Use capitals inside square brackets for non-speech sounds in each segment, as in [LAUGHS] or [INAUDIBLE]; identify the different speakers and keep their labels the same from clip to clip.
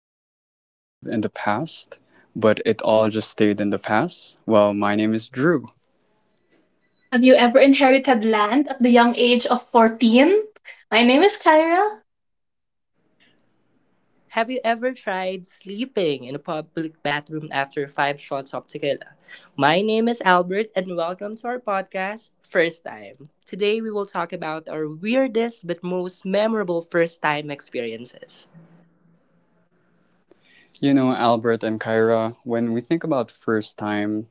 Speaker 1: so creative in the past, but it all just stayed in the past? Well, my name is Drew.
Speaker 2: Have you ever inherited land at the young age of 14? My name is Kyra.
Speaker 3: Have you ever tried sleeping in a public bathroom after five shots of tequila? My name is Albert, and welcome to our podcast, First Time. Today, we will talk about our weirdest but most memorable first time experiences.
Speaker 1: You know, Albert and Kyra, when we think about first time,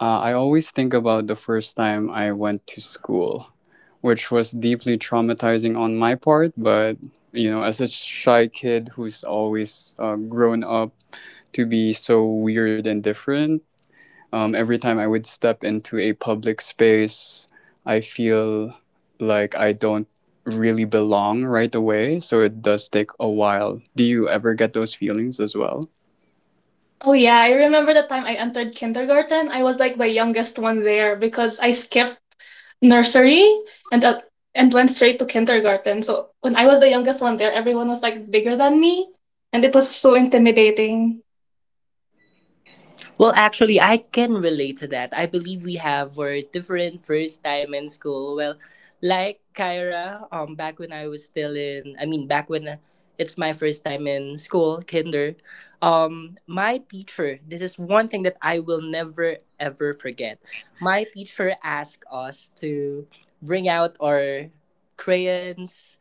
Speaker 1: I always think about the first time I went to school, which was deeply traumatizing on my part, but, you know, as a shy kid who's always grown up to be so weird and different, every time I would step into a public space, I feel like I don't really belong right away. So it does take a while. Do you ever get those feelings as well?
Speaker 2: Oh, yeah, I remember the time I entered kindergarten. I was like the youngest one there because I skipped nursery and and went straight to kindergarten. So when I was the youngest one there, everyone was like bigger than me, and it was so intimidating.
Speaker 3: Well, actually, I can relate to that. I believe we have were different first time in school. Well, like Kyra, back when I was still in, I mean, back when it's my first time in school, kinder, my teacher, this is one thing that I will never ever forget. My teacher asked us to bring out our crayons,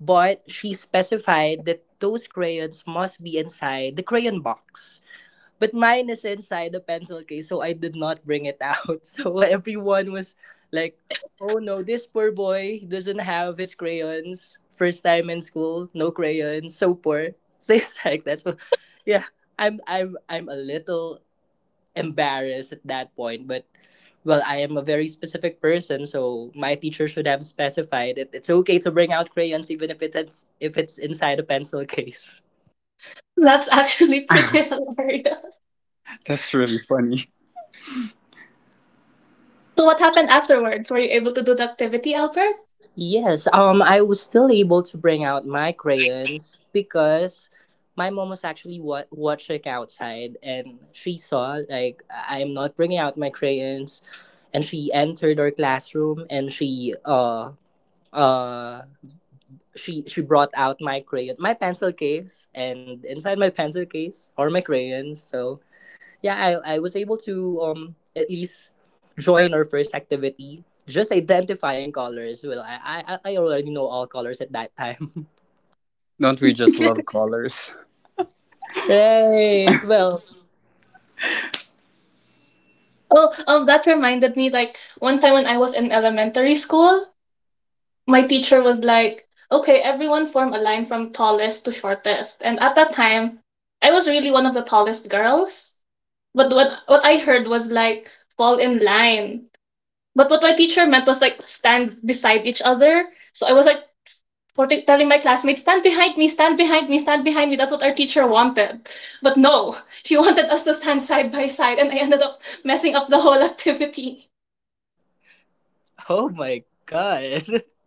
Speaker 3: but she specified that those crayons must be inside the crayon box but mine is inside the pencil case, so I did not bring it out. [LAUGHS] So everyone was like, oh no, this poor boy doesn't have his crayons. First time in school, no crayons, so poor. [LAUGHS] Things like that. So yeah, I'm a little embarrassed at that point, but well, I am a very specific person, so my teacher should have specified it. It's okay to bring out crayons even if it's inside a pencil [LAUGHS] case.
Speaker 2: That's actually [LAUGHS]
Speaker 1: [LAUGHS]
Speaker 2: pretty hilarious.
Speaker 1: That's really funny.
Speaker 2: So what happened afterwards? Were you able to do the activity, Albert?
Speaker 3: Yes, I was still able to bring out my crayons because my mom was actually watching outside and she saw, like, I am not bringing out my crayons. And she entered our classroom and uh, she brought out my crayon, my pencil case, and inside my pencil case are my crayons. So yeah, I was able to at least join our first activity, just identifying colors. Well, I already know all colors at that time.
Speaker 1: Don't we just love colors?
Speaker 3: [LAUGHS] Right. Well,
Speaker 2: Oh, that reminded me, like one time when I was in elementary school, my teacher was like, okay, everyone form a line from tallest to shortest. And at that time, I was really one of the tallest girls. But what I heard was like, fall in line. But what my teacher meant was like, stand beside each other. So I was like, telling my classmates, stand behind me, stand behind me, stand behind me. That's what our teacher wanted. But no, [LAUGHS] she wanted us to stand side by side. And I ended up messing up the whole activity.
Speaker 3: oh my god. [LAUGHS]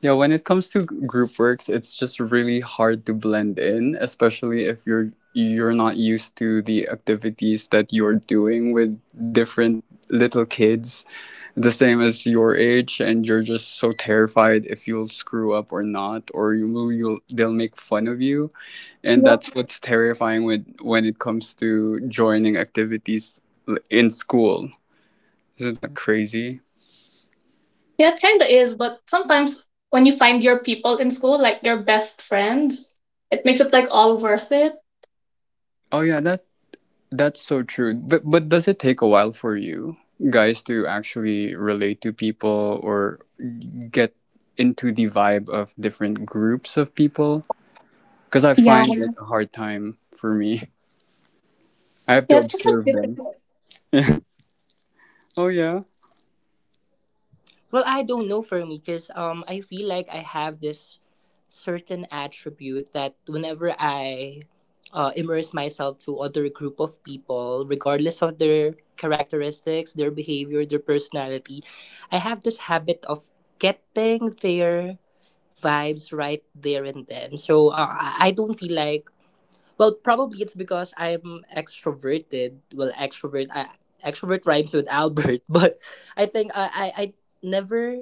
Speaker 1: Yeah, when it comes to group works, it's just really hard to blend in, especially if you're not used to the activities that you're doing with different little kids the same as your age, and you're just so terrified if you'll screw up or not, or you'll they'll make fun of you. And
Speaker 2: Yep.
Speaker 1: that's what's terrifying with when it comes to joining activities in school. Isn't that crazy?
Speaker 2: Yeah, it kinda is, but sometimes when you find your people in school, like your best friends, it makes it like all worth it.
Speaker 1: Oh yeah, that's so true. But does it take a while for you guys to actually relate to people or get into the vibe of different groups of people? Because I
Speaker 2: Yeah.
Speaker 1: find it a hard time for me. [LAUGHS] I have to
Speaker 2: Yeah, it's kind of
Speaker 1: observe them.
Speaker 2: difficult.
Speaker 1: Oh yeah,
Speaker 3: Well, I don't know for me because I feel like I have this certain attribute that whenever I immerse myself to other group of people, regardless of their characteristics, their behavior, their personality, I have this habit of getting their vibes right there and then. So I don't feel like well, probably it's because I'm extroverted. Well, extrovert rhymes with Albert, [LAUGHS] but I think I never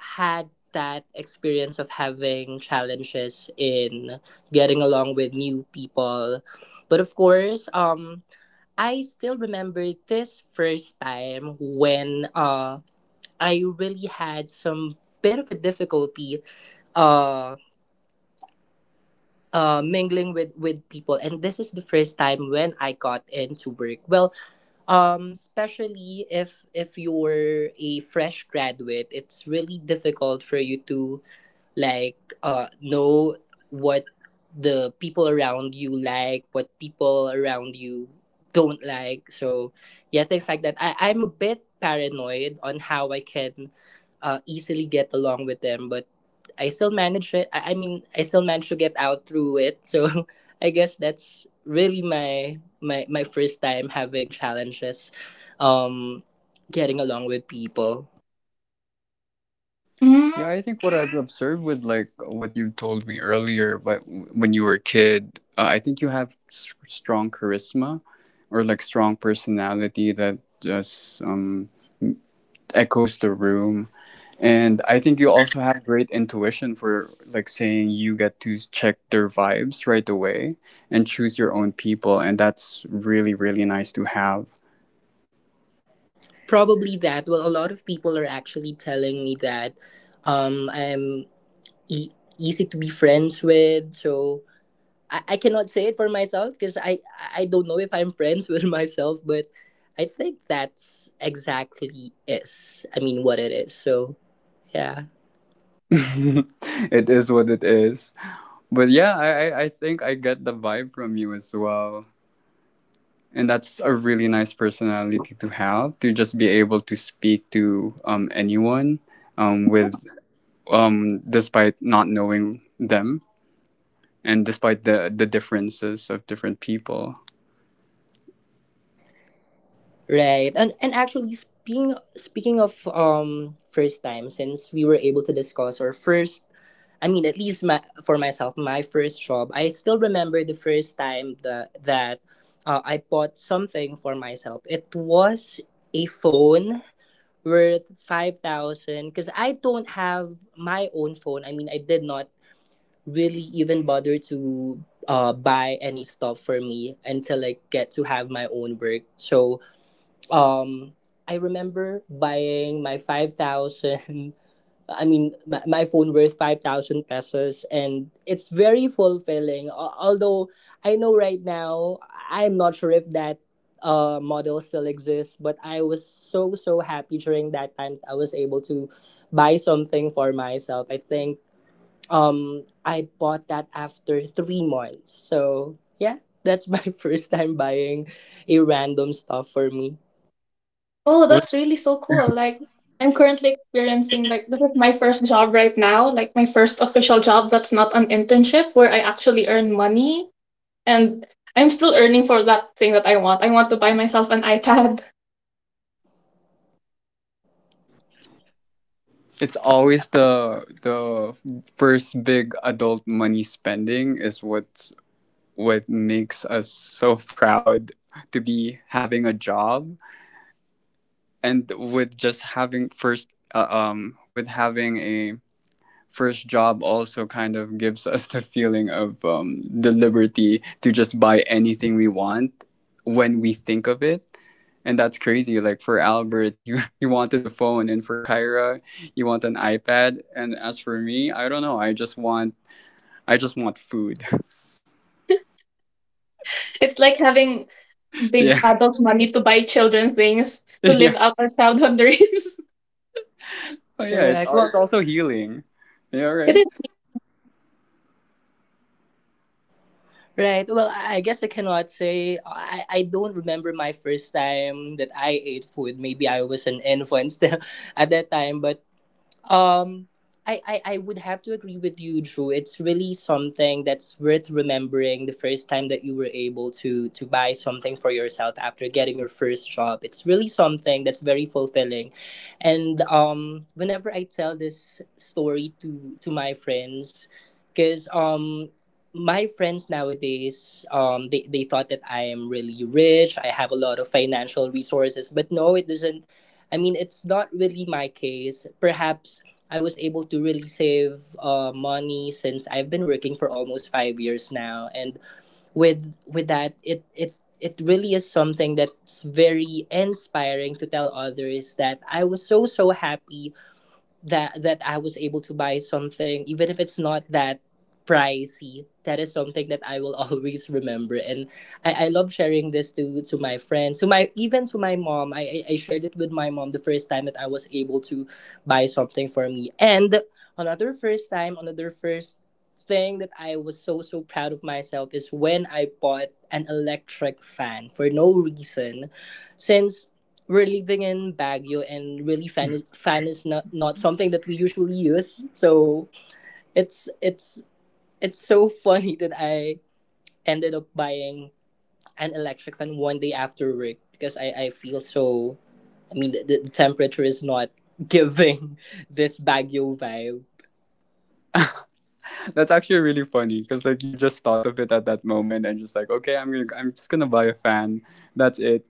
Speaker 3: had that experience of having challenges in getting along with new people. But of course, I still remember this first time when I really had some bit of a difficulty uh, mingling with people, and this is the first time when I got into work. Well, especially if you're a fresh graduate, it's really difficult for you to like know what the people around you like, what people around you don't like. So yeah, things like that. I'm a bit paranoid on how I can easily get along with them, but I still manage it. I mean, I still manage to get out through it. So [LAUGHS] I guess that's really my my first time having challenges um getting along with people.
Speaker 2: Mm.
Speaker 1: yeah. I think what I've observed with like what you told me earlier, but when you were a kid, I think you have strong charisma or like strong personality that just echoes the room. And I think you also have great intuition for like saying you get to check their vibes right away and choose your own people. And that's really, really nice to have.
Speaker 3: Probably that. Well, a lot of people are actually telling me that I'm e- easy to be friends with. So I cannot say it for myself because I don't know if I'm friends [LAUGHS] with myself, but I think that's exactly is. I mean, what it is. So yeah.
Speaker 1: [LAUGHS] It is what it is. But yeah, I I think I get the vibe from you as well. And that's a really nice personality to have, to just be able to speak to anyone, with despite not knowing them and despite the differences of different people.
Speaker 3: Right. And actually speaking of first time, since we were able to discuss our first, I mean at least for myself, my first job. I still remember the first time that I bought something for myself. It was a phone worth 5000 cuz I don't have my own phone. I mean, I did not really even bother to buy any stuff for me until I get to have my own work. So um I remember buying my 5000 [LAUGHS] I mean my phone worth 5000 pesos, and it's very fulfilling. Although I know right now I'm not sure if that model still exists, but I was so so happy during that time I was able to buy something for myself. I think I bought that after 3 months, so yeah, that's my [LAUGHS] first time buying a random stuff for me.
Speaker 2: Oh, that's really so cool. Like, I'm currently experiencing, like, this is my first job right now, like my first official job that's not an internship where I actually earn money, and I'm still earning for that thing that I want. I want to buy myself an iPad. [LAUGHS]
Speaker 1: It's always the first big adult money spending is what's what makes us so proud to be having a job. And with just having first with having a first job also kind of gives us the feeling of the liberty to just buy anything we want when we think of it. And that's crazy. Like for Albert, he, [LAUGHS] he wanted the phone, and for Kyra, you want an iPad. And as for me, I don't know. I just want food.
Speaker 2: It's like having
Speaker 1: [LAUGHS]
Speaker 2: big
Speaker 1: Yeah,
Speaker 2: adult money to buy children things
Speaker 1: [LAUGHS]
Speaker 2: to live
Speaker 1: yeah,
Speaker 2: out our childhood [LAUGHS] dreams.
Speaker 1: oh, yeah. It's
Speaker 3: Correct. Well,
Speaker 1: it's also healing. Yeah,
Speaker 2: It
Speaker 1: right.
Speaker 2: is.
Speaker 3: right. Well, I guess I cannot say, I don't remember my first time that I ate food. Maybe I was an infant still [LAUGHS] at that time, but Um, I would have to agree with you, Drew. It's really something that's worth remembering, the first time that you were able to buy something for yourself after getting your first job. It's really something that's very fulfilling. And whenever I tell this story to my friends, because my friends nowadays they thought that I am really rich, I have a lot of financial resources, but no, it doesn't, I mean, it's not really my case. Perhaps I was able to really save money since I've been working for almost 5 years now, and with that, it really is something that's very inspiring to tell others that I was so so happy that I was able to buy something, even if it's not that pricey. That is something that I will [LAUGHS] always remember, and I love sharing this to my friends, to my, even to my mom. I shared it with my mom the first time that I was able to buy something for me, and another first time, another first thing that I was so so proud of myself is when I bought an electric fan for no reason, since we're living in Baguio, and really fan is not something that we usually use. So it's it's it's so [LAUGHS] funny that I ended up buying an electric fan one day after work because I feel so. I mean, the temperature is not giving [LAUGHS] this Baguio vibe.
Speaker 1: That's actually really funny because like you just thought of it at that moment and just like okay, I'm just gonna buy a fan. That's it.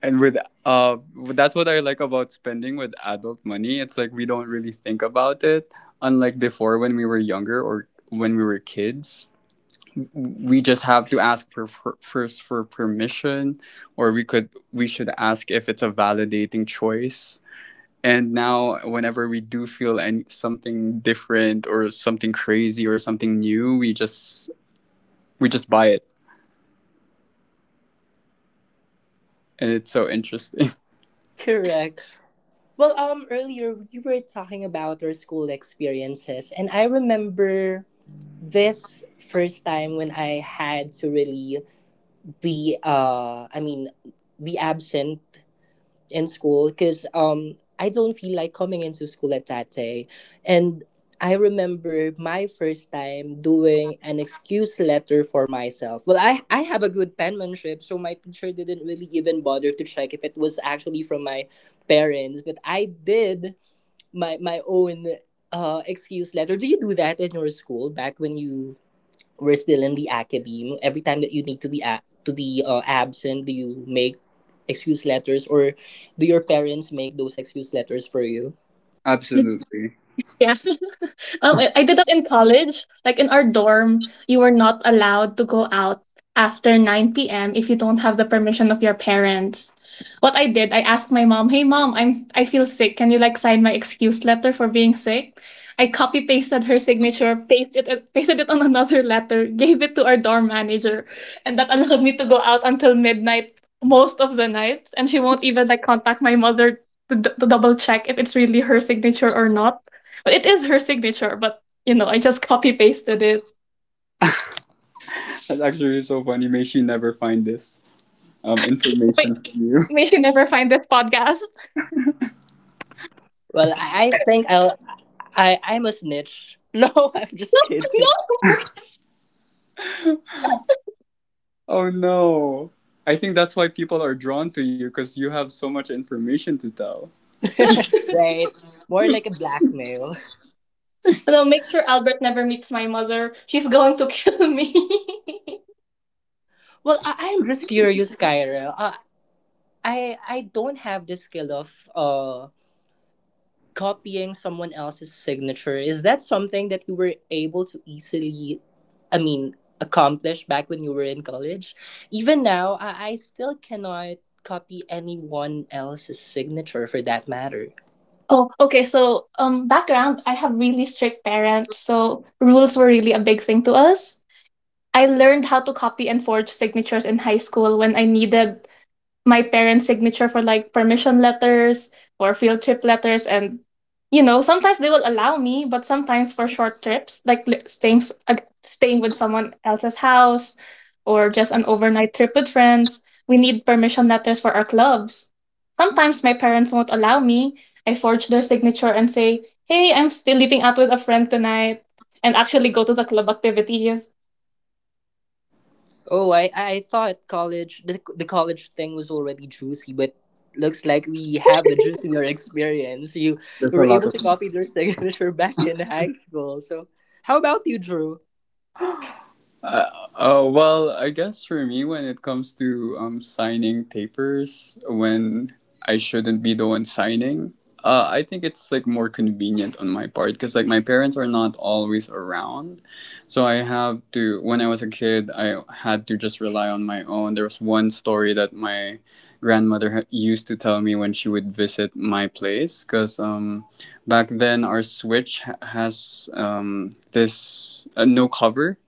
Speaker 1: And with uh that's what I like about spending with adult money. It's like we don't really think about it, unlike before when we were younger or when we were kids. We just have to ask for first for permission, or we should ask if it's a validating choice. And now whenever we do feel any something different or something crazy or something new, we just buy it. And it's so interesting.
Speaker 3: Correct. Well, earlier we were talking about our school experiences, and I remember this first time when I had to really be I mean be absent in school because I don't feel like coming into school at that day. And I remember my first time doing an excuse letter for myself. Well, I have a good penmanship, so my teacher didn't really even bother to check if it was actually from my parents, but I did my own excuse letter. Do you do that in your school back when you we're still in the academe? Every time that you need to be to be absent, do you make excuse letters, or do your parents make those excuse letters for you?
Speaker 1: [LAUGHS] Absolutely.
Speaker 2: Yeah. [LAUGHS] I did that in college. Like in our dorm, you were not allowed to go out after 9 p.m. if you don't have the permission of your parents. What I did, I asked my mom, "Hey mom, I feel sick. Can you like sign my excuse letter for being sick?" I copy pasted her signature, pasted it on [LAUGHS] another letter, gave it to our dorm manager, and that allowed me to go out until midnight most of the nights. And she won't even like contact my mother to double check if it's really her signature or not, but it is her signature. But, you know, I just copy pasted it.
Speaker 1: That's actually so funny. May she never find this
Speaker 2: Wait,
Speaker 1: information from you.
Speaker 2: may
Speaker 1: [LAUGHS]
Speaker 2: she never find this podcast.
Speaker 3: Well, I think I'm a snitch. [LAUGHS] No, I'm just
Speaker 2: [LAUGHS]
Speaker 3: kidding.
Speaker 2: No!
Speaker 1: Oh no. I think that's why people are drawn to you, because you have so much information to tell.
Speaker 3: [LAUGHS] Right? More like a blackmail.
Speaker 2: No, make sure Albert never meets my mother. She's going to kill me.
Speaker 3: Well, I'm just curious, Kyra. I don't have the skill of copying someone else's signature. Is that something that you were able to easily, I mean, accomplish back when you were in college? Even now I still cannot copy anyone else's signature, for that matter.
Speaker 2: [LAUGHS] Oh, okay, so background, I have really strict parents, so rules were really a big thing to us. I learned how to copy and forge signatures in high school when I needed my parents' signature for, like, permission letters or field trip letters. And, you know, sometimes they will allow me, but sometimes for short trips like staying with someone else's house or just an overnight trip with friends, we need permission letters for our clubs. Sometimes my parents won't allow me. I forge their signature and say, hey, I'm still leaving out with a friend tonight, and actually go to the club activities.
Speaker 3: Oh, I thought college, the college thing was already juicy, but looks like we have a juicier experience. you
Speaker 1: There's
Speaker 3: you
Speaker 1: a
Speaker 3: were
Speaker 1: lot
Speaker 3: able
Speaker 1: of
Speaker 3: to copy their [LAUGHS] signature back in high school, so how about you, Drew?
Speaker 1: Uh, oh well, I guess for me, when it comes to signing papers, when I shouldn't be the one signing, I think it's like more convenient on my part because like my parents are not always around, so I have to. When I was a kid, I had to just rely on my own. There was one story that my grandmother used to tell me when she would visit my place, because back then our switch has this no cover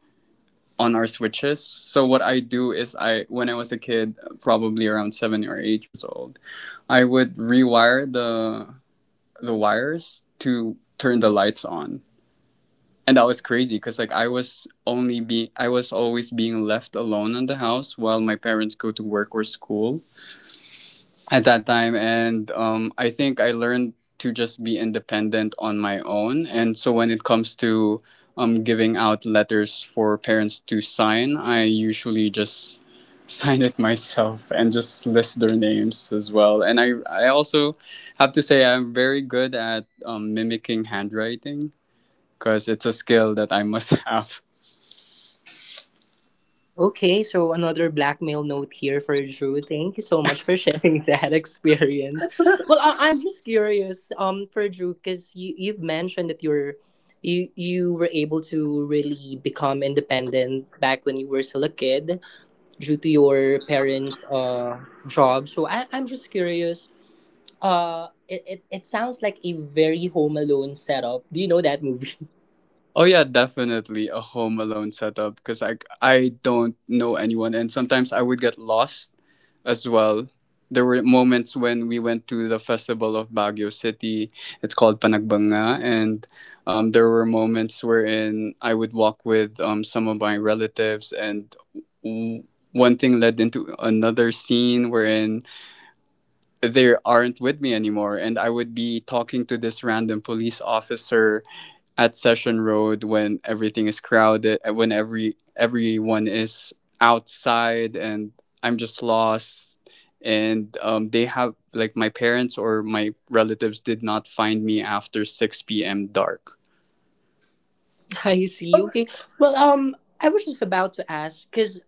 Speaker 1: on our switches. So what I do is I when I was a kid, probably around 7 or 8 years old, I would rewire the wires to turn the lights on. And that was crazy cuz like I was always being left alone in the house while my parents go to work or school at that time. And I think I learned to just be independent on my own. And so when it comes to giving out letters for parents to sign, I usually just [LAUGHS] sign it myself and just list their names as well. And I also have to say I'm very good at mimicking handwriting, because it's a skill that I must [LAUGHS] have.
Speaker 3: Okay, so another blackmail note here for Drew. Thank you so much for sharing [LAUGHS] that experience. Well, I'm just curious, for Drew, because you've mentioned that you were able to really become independent back when you were still a kid due to your parents' job. So I'm just curious. It sounds like a very Home Alone setup. Do you know that movie?
Speaker 1: Oh yeah, definitely a home alone setup, because I don't know anyone and sometimes I would get lost as well. There were moments when we went to the festival of Baguio City. It's called Panagbanga, and there were moments wherein I would walk with some of my relatives, and w- one thing led into another scene wherein they aren't with me anymore, and I would be talking to this random police officer at Session Road when everything is crowded, when everyone is outside, and I'm just lost. And they have like my parents or my relatives did not find me after 6 p.m. dark.
Speaker 3: [LAUGHS] I see. Okay. Well, I was just about to ask because,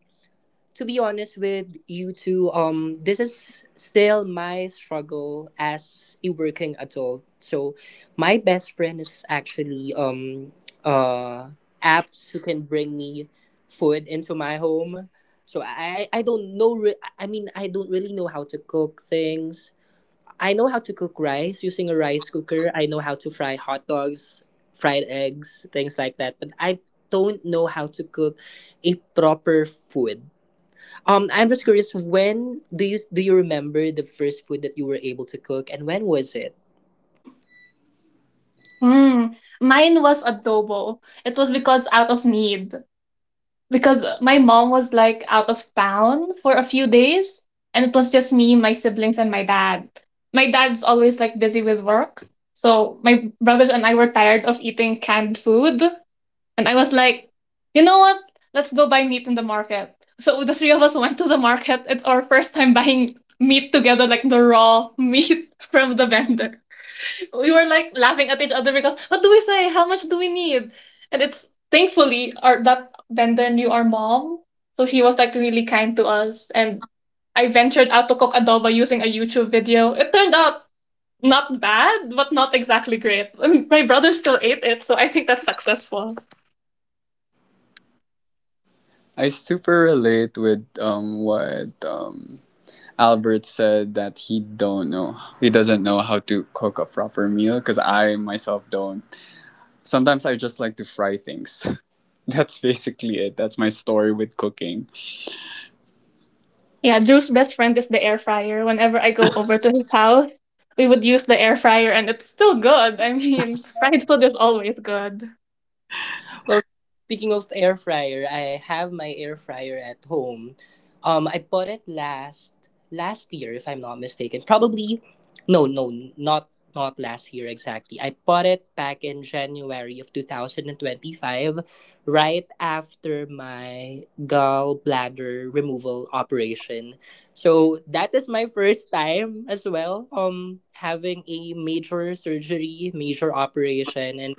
Speaker 3: to be honest with you two, this is still my struggle as a working adult. So my best friend is actually uh, apps who can bring me food into my home. So I don't know. I mean, I don't really know how to cook things. I know how to cook rice using a rice cooker. I know how to fry hot dogs, fried eggs, things like that. But I don't know how to cook a proper food. Um, I'm just curious. When do you remember the first food that you were able to cook, and when was it?
Speaker 2: Hmm. Mine was adobo. It was because out of need, because my mom was like out of town for a few days, and it was just me, my siblings, and my dad. My dad's always like busy with work. So my brothers and I were tired of eating canned food. And I was like, you know what? Let's go buy meat in the market. So the three of us went to the market. It's our first time buying meat together, like the raw meat [LAUGHS] from the vendor. We were like laughing at each other because what do we say? How much do we need? And it's thankfully our that vendor knew our mom. So she was like really kind to us. And I ventured out to cook adobo using a YouTube video. It turned out not bad, but not exactly great. I mean, my brother still ate it, so I think that's successful.
Speaker 1: I super relate with what Albert said, that he doesn't know how to cook a proper meal, because I myself don't. Sometimes I just like to fry things. [LAUGHS] That's basically it. That's my story with cooking.
Speaker 2: Yeah, Drew's best friend is the air fryer. Whenever I go over to his house, we would use the air fryer and it's still good. I mean, [LAUGHS] fried food is always good.
Speaker 3: Well, speaking of air fryer, I have my air fryer at home. I bought it last year, if I'm not mistaken. Probably, no, no, not last year exactly. I bought it back in January of 2025, right after my gallbladder removal operation. So that is my first time as well. Having a major surgery, major operation, and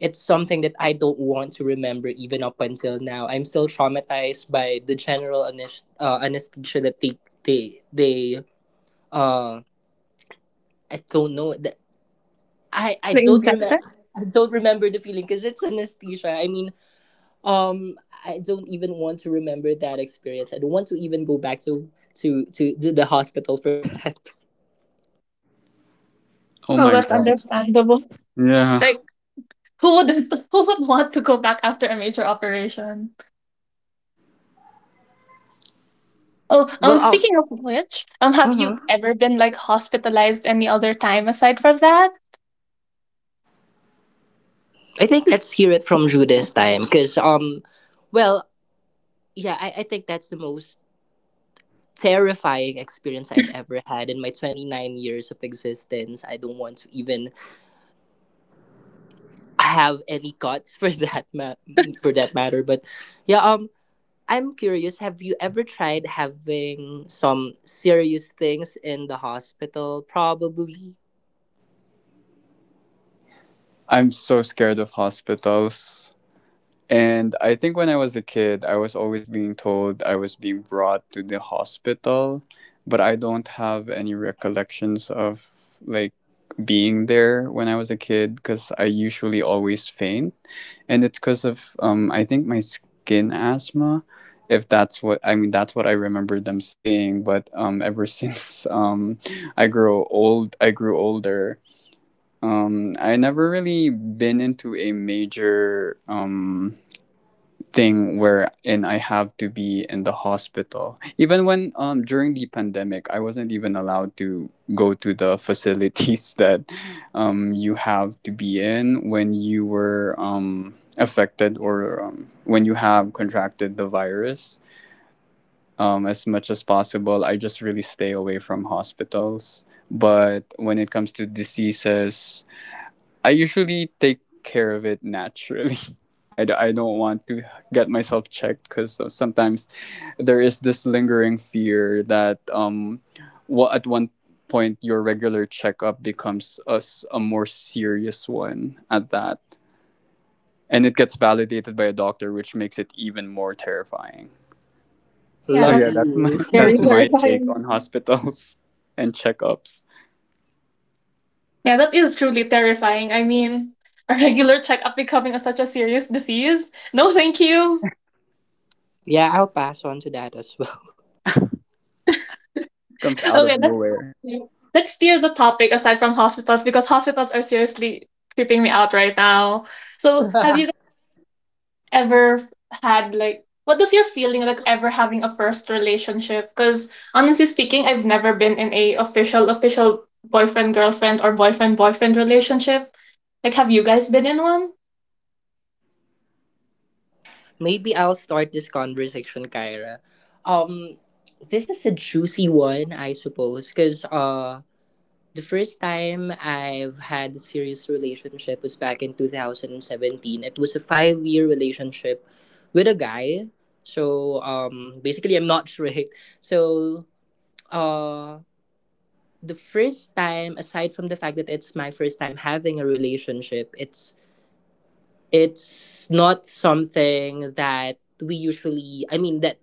Speaker 3: it's something that I don't want to remember even up until now. I'm still traumatized by the general anesthesia that they uh I don't know that I
Speaker 2: The
Speaker 3: don't
Speaker 2: injector?
Speaker 3: remember the feeling because it's anesthesia. I don't even want to remember that experience. I don't want to even go back to to the hospital for that. [LAUGHS]
Speaker 1: Oh
Speaker 2: Oh,
Speaker 1: my
Speaker 2: that's
Speaker 1: god.
Speaker 2: understandable.
Speaker 1: Yeah.
Speaker 2: Like, who wouldn't [LAUGHS] who would want to go back after a major operation? Oh,
Speaker 3: Well,
Speaker 2: speaking of which, um, have you
Speaker 3: mhm.
Speaker 2: ever been like hospitalized any other time aside from that?
Speaker 3: I think let's hear it from Jude this time because well, yeah, I think that's the most terrifying experience I've ever had in my 29 years of existence. I don't want to even have any guts [LAUGHS] for that matter. But yeah, I'm curious, have you ever tried having some serious things in the hospital? Probably.
Speaker 1: I'm so scared of hospitals. And I think when I was a kid, I was always being told I was being brought to the hospital, but I don't have any recollections of like being there when I was a kid, because I usually always faint. And it's because of I think my skin asthma. If that's what I mean, that's what I remember them saying. But ever [LAUGHS] since I grew old, I grew older. I never really been into a major thing wherein I have to be in the hospital. Even when during the pandemic, I wasn't even allowed to go to the facilities [LAUGHS] that you have to be in when you were affected or when you have contracted the virus. As much as possible, I just really stay away from hospitals. But when it comes to diseases, I usually take care of it naturally. [LAUGHS] I don't want to get myself checked because sometimes there is this lingering fear that what at one point your regular checkup becomes a more serious one at that. And it gets validated by a doctor, which makes it even more terrifying.
Speaker 2: Yeah,
Speaker 1: So
Speaker 2: that's
Speaker 3: Lucky
Speaker 1: yeah, that's my
Speaker 3: you.
Speaker 1: [LAUGHS]
Speaker 2: very
Speaker 1: that's
Speaker 2: [LAUGHS]
Speaker 1: my
Speaker 3: [LAUGHS]
Speaker 1: take
Speaker 2: terrifying.
Speaker 1: on hospitals [LAUGHS] and checkups.
Speaker 2: Yeah, that is truly terrifying. I mean, a regular checkup becoming a, such a serious disease? No, thank you.
Speaker 3: Yeah, I'll pass on to that as well.
Speaker 1: Comes out of
Speaker 2: Okay, let's
Speaker 1: nowhere.
Speaker 2: [LAUGHS] let's steer the topic aside from hospitals because hospitals are seriously creeping me out right now. So, have you
Speaker 3: [LAUGHS]
Speaker 2: ever had like what does your feeling like ever having a first relationship? Because honestly speaking, I've never been in a official official boyfriend girlfriend or boyfriend boyfriend relationship. Like, have you guys been in one?
Speaker 3: Maybe I'll start this conversation, Kyra. Um, this is a juicy one, I suppose, because the first time I've had a serious relationship was back in 2017. It was a 5 year relationship with a guy. So basically, I'm not [LAUGHS] straight. So uh, the first time, aside from the fact that it's my first time having a relationship, it's not something that we usually. I mean that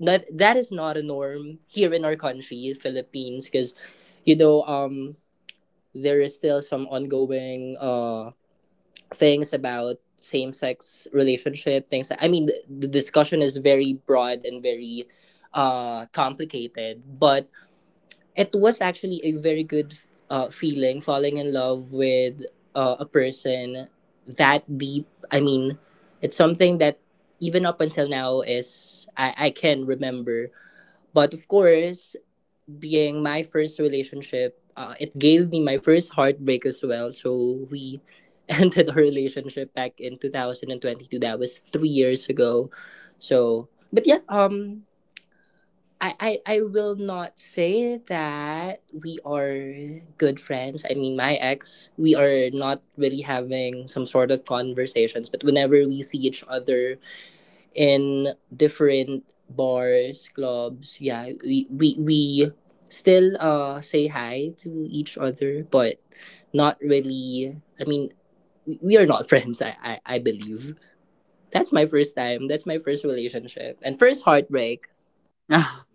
Speaker 3: that that is not a norm here in our country, Philippines, because you know um there is still some ongoing things about same sex relationship things. The discussion is very broad and very complicated, but it was actually a very good feeling falling in love with a person that deep. It's something that even up until now is I can remember. But of course, being my first relationship, it gave me my first heartbreak as well. So we [LAUGHS] ended our relationship back in 2022. That was 3 years ago. So, but yeah, I will not say that we are good friends. I mean, my ex, we are not really having some sort of conversations, but whenever we see each other, in different bars, clubs. Yeah, we still say hi to each other, but not really. I mean, we are not [LAUGHS] friends. I believe that's my first time. That's my first relationship and first heartbreak.
Speaker 1: [LAUGHS]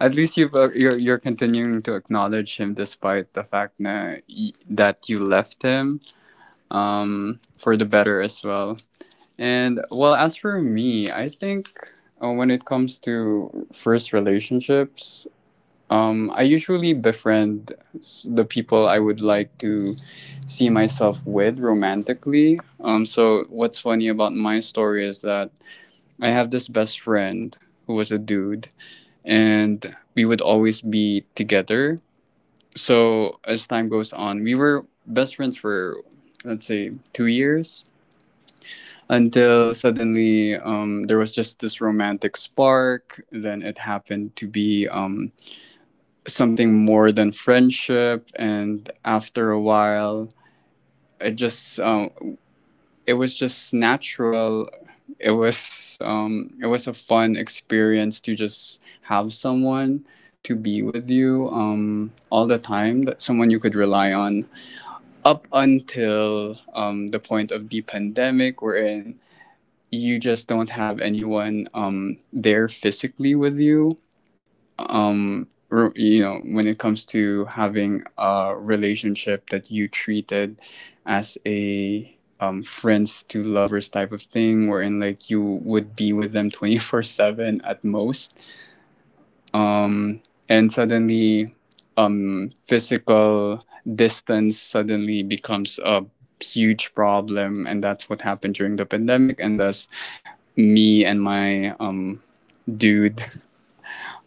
Speaker 1: At least you've, you're continuing to acknowledge him despite the fact na, that you left him for the better as well. And well, as for me, I think when it comes to first relationships, I usually befriend the people I would like to see myself with romantically. So what's funny about my story is that I have this best friend who was a dude, and we would always be together. So as time goes on, we were best friends for let's say 2 years, until suddenly there was just this romantic spark. Then it happened to be something more than friendship, and after a while, it just it was just natural. It was a fun experience to just have someone to be with you all the time, that someone you could rely on up until the point of the pandemic, wherein you just don't have anyone there physically with you. um you know, when it comes to having a relationship that you treated as a friends to lovers type of thing, wherein like you would be with them [LAUGHS] 24/7 at most, um and suddenly physical distance suddenly becomes a huge problem. And that's what happened during the pandemic, and thus me and my dude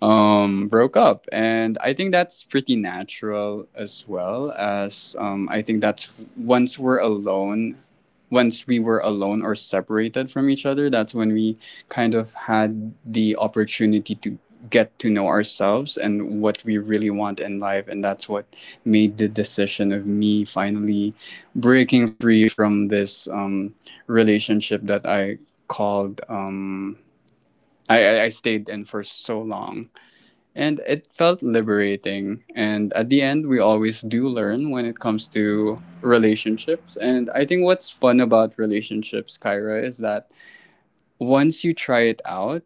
Speaker 1: broke up. And I think that's pretty natural as well. As I think that's once we're alone, once we were alone or separated from each other, that's when we kind of had the opportunity to get to know ourselves and what we really want in life. And that's what made the decision of me finally breaking free from this relationship that I called. I stayed in for so long, and it felt liberating. And at the end, we always do learn when it comes to relationships. And I think what's fun about relationships, Kyra, is that once you try it out,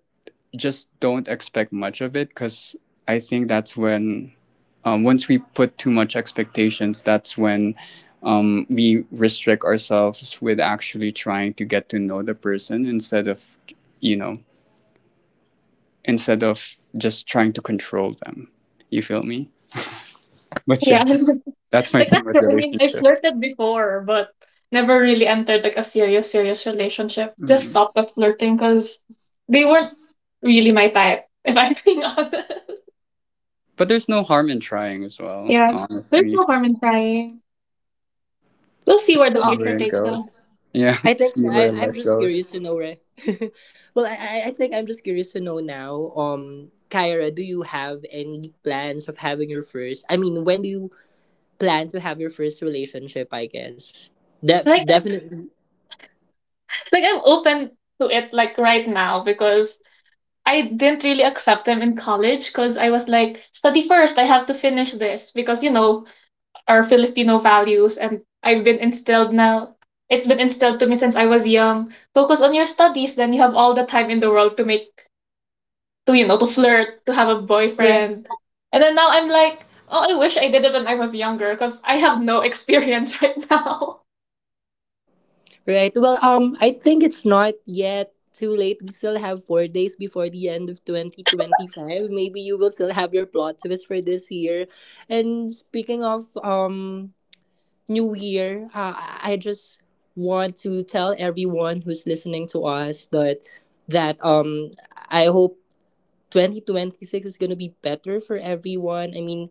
Speaker 1: just don't expect much of it, because I think that's when, once we put too much expectations, that's when we restrict ourselves with actually trying to get to know the person, instead of, you know, instead of just trying to control them. You feel me? But
Speaker 2: Yeah,
Speaker 1: yeah, that's
Speaker 2: [LAUGHS]
Speaker 1: my
Speaker 2: like
Speaker 1: thing
Speaker 2: that's.
Speaker 1: with
Speaker 2: I mean, I
Speaker 1: relationship.
Speaker 2: flirted before, but never really entered like a serious serious relationship. Just
Speaker 1: Mhm.
Speaker 2: stopped at flirting because they weren't really my type. If I'm being [LAUGHS] honest.
Speaker 1: But there's no harm in trying as well,
Speaker 2: Yeah, there's
Speaker 1: honestly.
Speaker 2: no harm in trying. We'll see
Speaker 1: Just
Speaker 2: where the
Speaker 1: see where
Speaker 2: future
Speaker 1: it
Speaker 2: takes us.
Speaker 1: goes. Yeah,
Speaker 3: I
Speaker 1: [LAUGHS]
Speaker 3: think
Speaker 1: see
Speaker 3: I
Speaker 1: where
Speaker 3: I'm
Speaker 1: life
Speaker 3: just curious
Speaker 1: goes.
Speaker 3: to know, right? [LAUGHS] Well, I think I'm just curious to know now. Kyra, do you have any plans of having your first? I mean, when do you plan to have your first relationship, I guess.
Speaker 2: Like
Speaker 3: Definitely.
Speaker 2: like, I'm open to it, like, right now, because I didn't really accept them in college because I was like, study first, I have to finish this because, you know, our Filipino values. And I've been instilled now, it's been instilled to me since I was young. Focus on your studies, then you have all the time in the world to, you know, to flirt, to have a
Speaker 3: Right.
Speaker 2: boyfriend. And then now I'm like, oh, I wish I did it when I was younger because I have no experience [LAUGHS] right now.
Speaker 3: Right. Well, I think it's not yet too late. We still have 4 days before the end of 2025. Maybe you will still have your plot twist for this year. And speaking of New Year, I just want to tell everyone who's listening to us that that I hope 2026 is going to be better for everyone. I mean,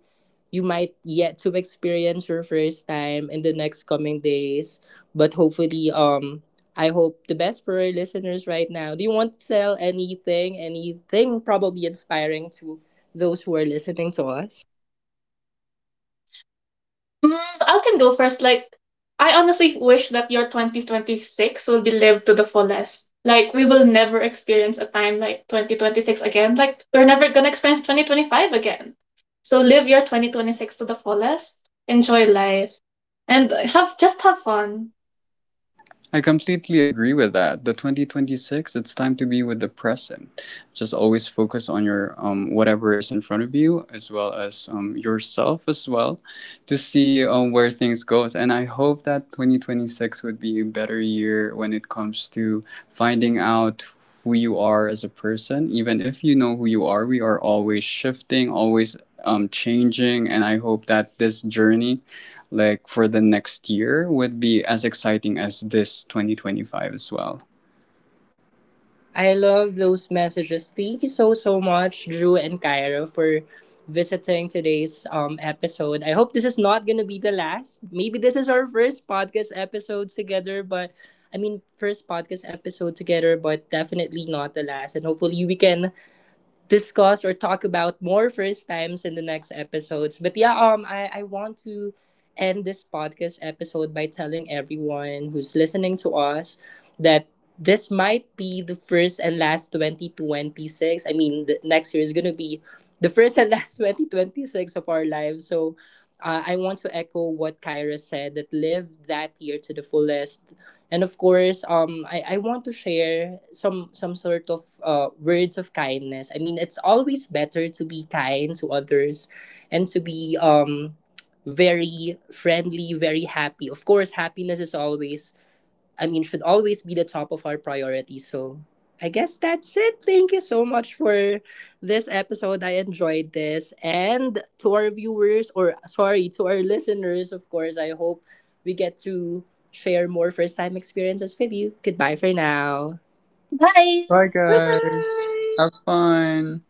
Speaker 3: you might yet to experience your first time in the next coming days, but hopefully, I hope the best for our listeners right now. Do you want to sell anything, anything probably inspiring to those who are listening to us?
Speaker 2: Mm, I can go first. Like, I honestly wish that your 2026 will be lived to the fullest. Like, we will never experience a time like 2026 again. Like, we're never gonna experience 2025 again. So, live your 2026 to the fullest. Enjoy life. And have just have fun.
Speaker 1: I completely agree with that. The 2026, it's time to be with the present. Just always focus on your whatever is in front of you, as well as yourself as well, to see where things goes. And I hope that 2026 would be a better year when it comes to finding out who you are as a person. Even if you know who you are, we are always shifting, always changing. And I hope that this journey like for the next year would be as exciting as this 2025 as well.
Speaker 3: I love those messages. Thank you so so much, Drew and Kyra, for visiting today's episode. I hope this is not gonna be the last. Maybe this is our first podcast episode together, but I mean first podcast episode together, but definitely not the last. And hopefully we can discuss or talk about more first times in the next episodes. But yeah, I want to end this podcast episode by telling everyone who's listening to us that this might be the first and last 2026. I mean, the next year is going to be the first and [LAUGHS] last 2026 of our lives. So I want to echo what Kyra said, that live that year to the fullest. And of course, I want to share some sort of words of kindness. I mean, it's always better to be kind to others, and to be very friendly, very happy. Of course, happiness is always, I mean, should always be the top of our priority. So I guess that's it. Thank you so much for this episode. I enjoyed this. And to our viewers, or sorry, to our listeners, of course, I hope we get to share more first time experiences with you. Goodbye for now.
Speaker 1: Bye,
Speaker 3: Bye
Speaker 1: guys.
Speaker 3: bye.
Speaker 1: Have fun.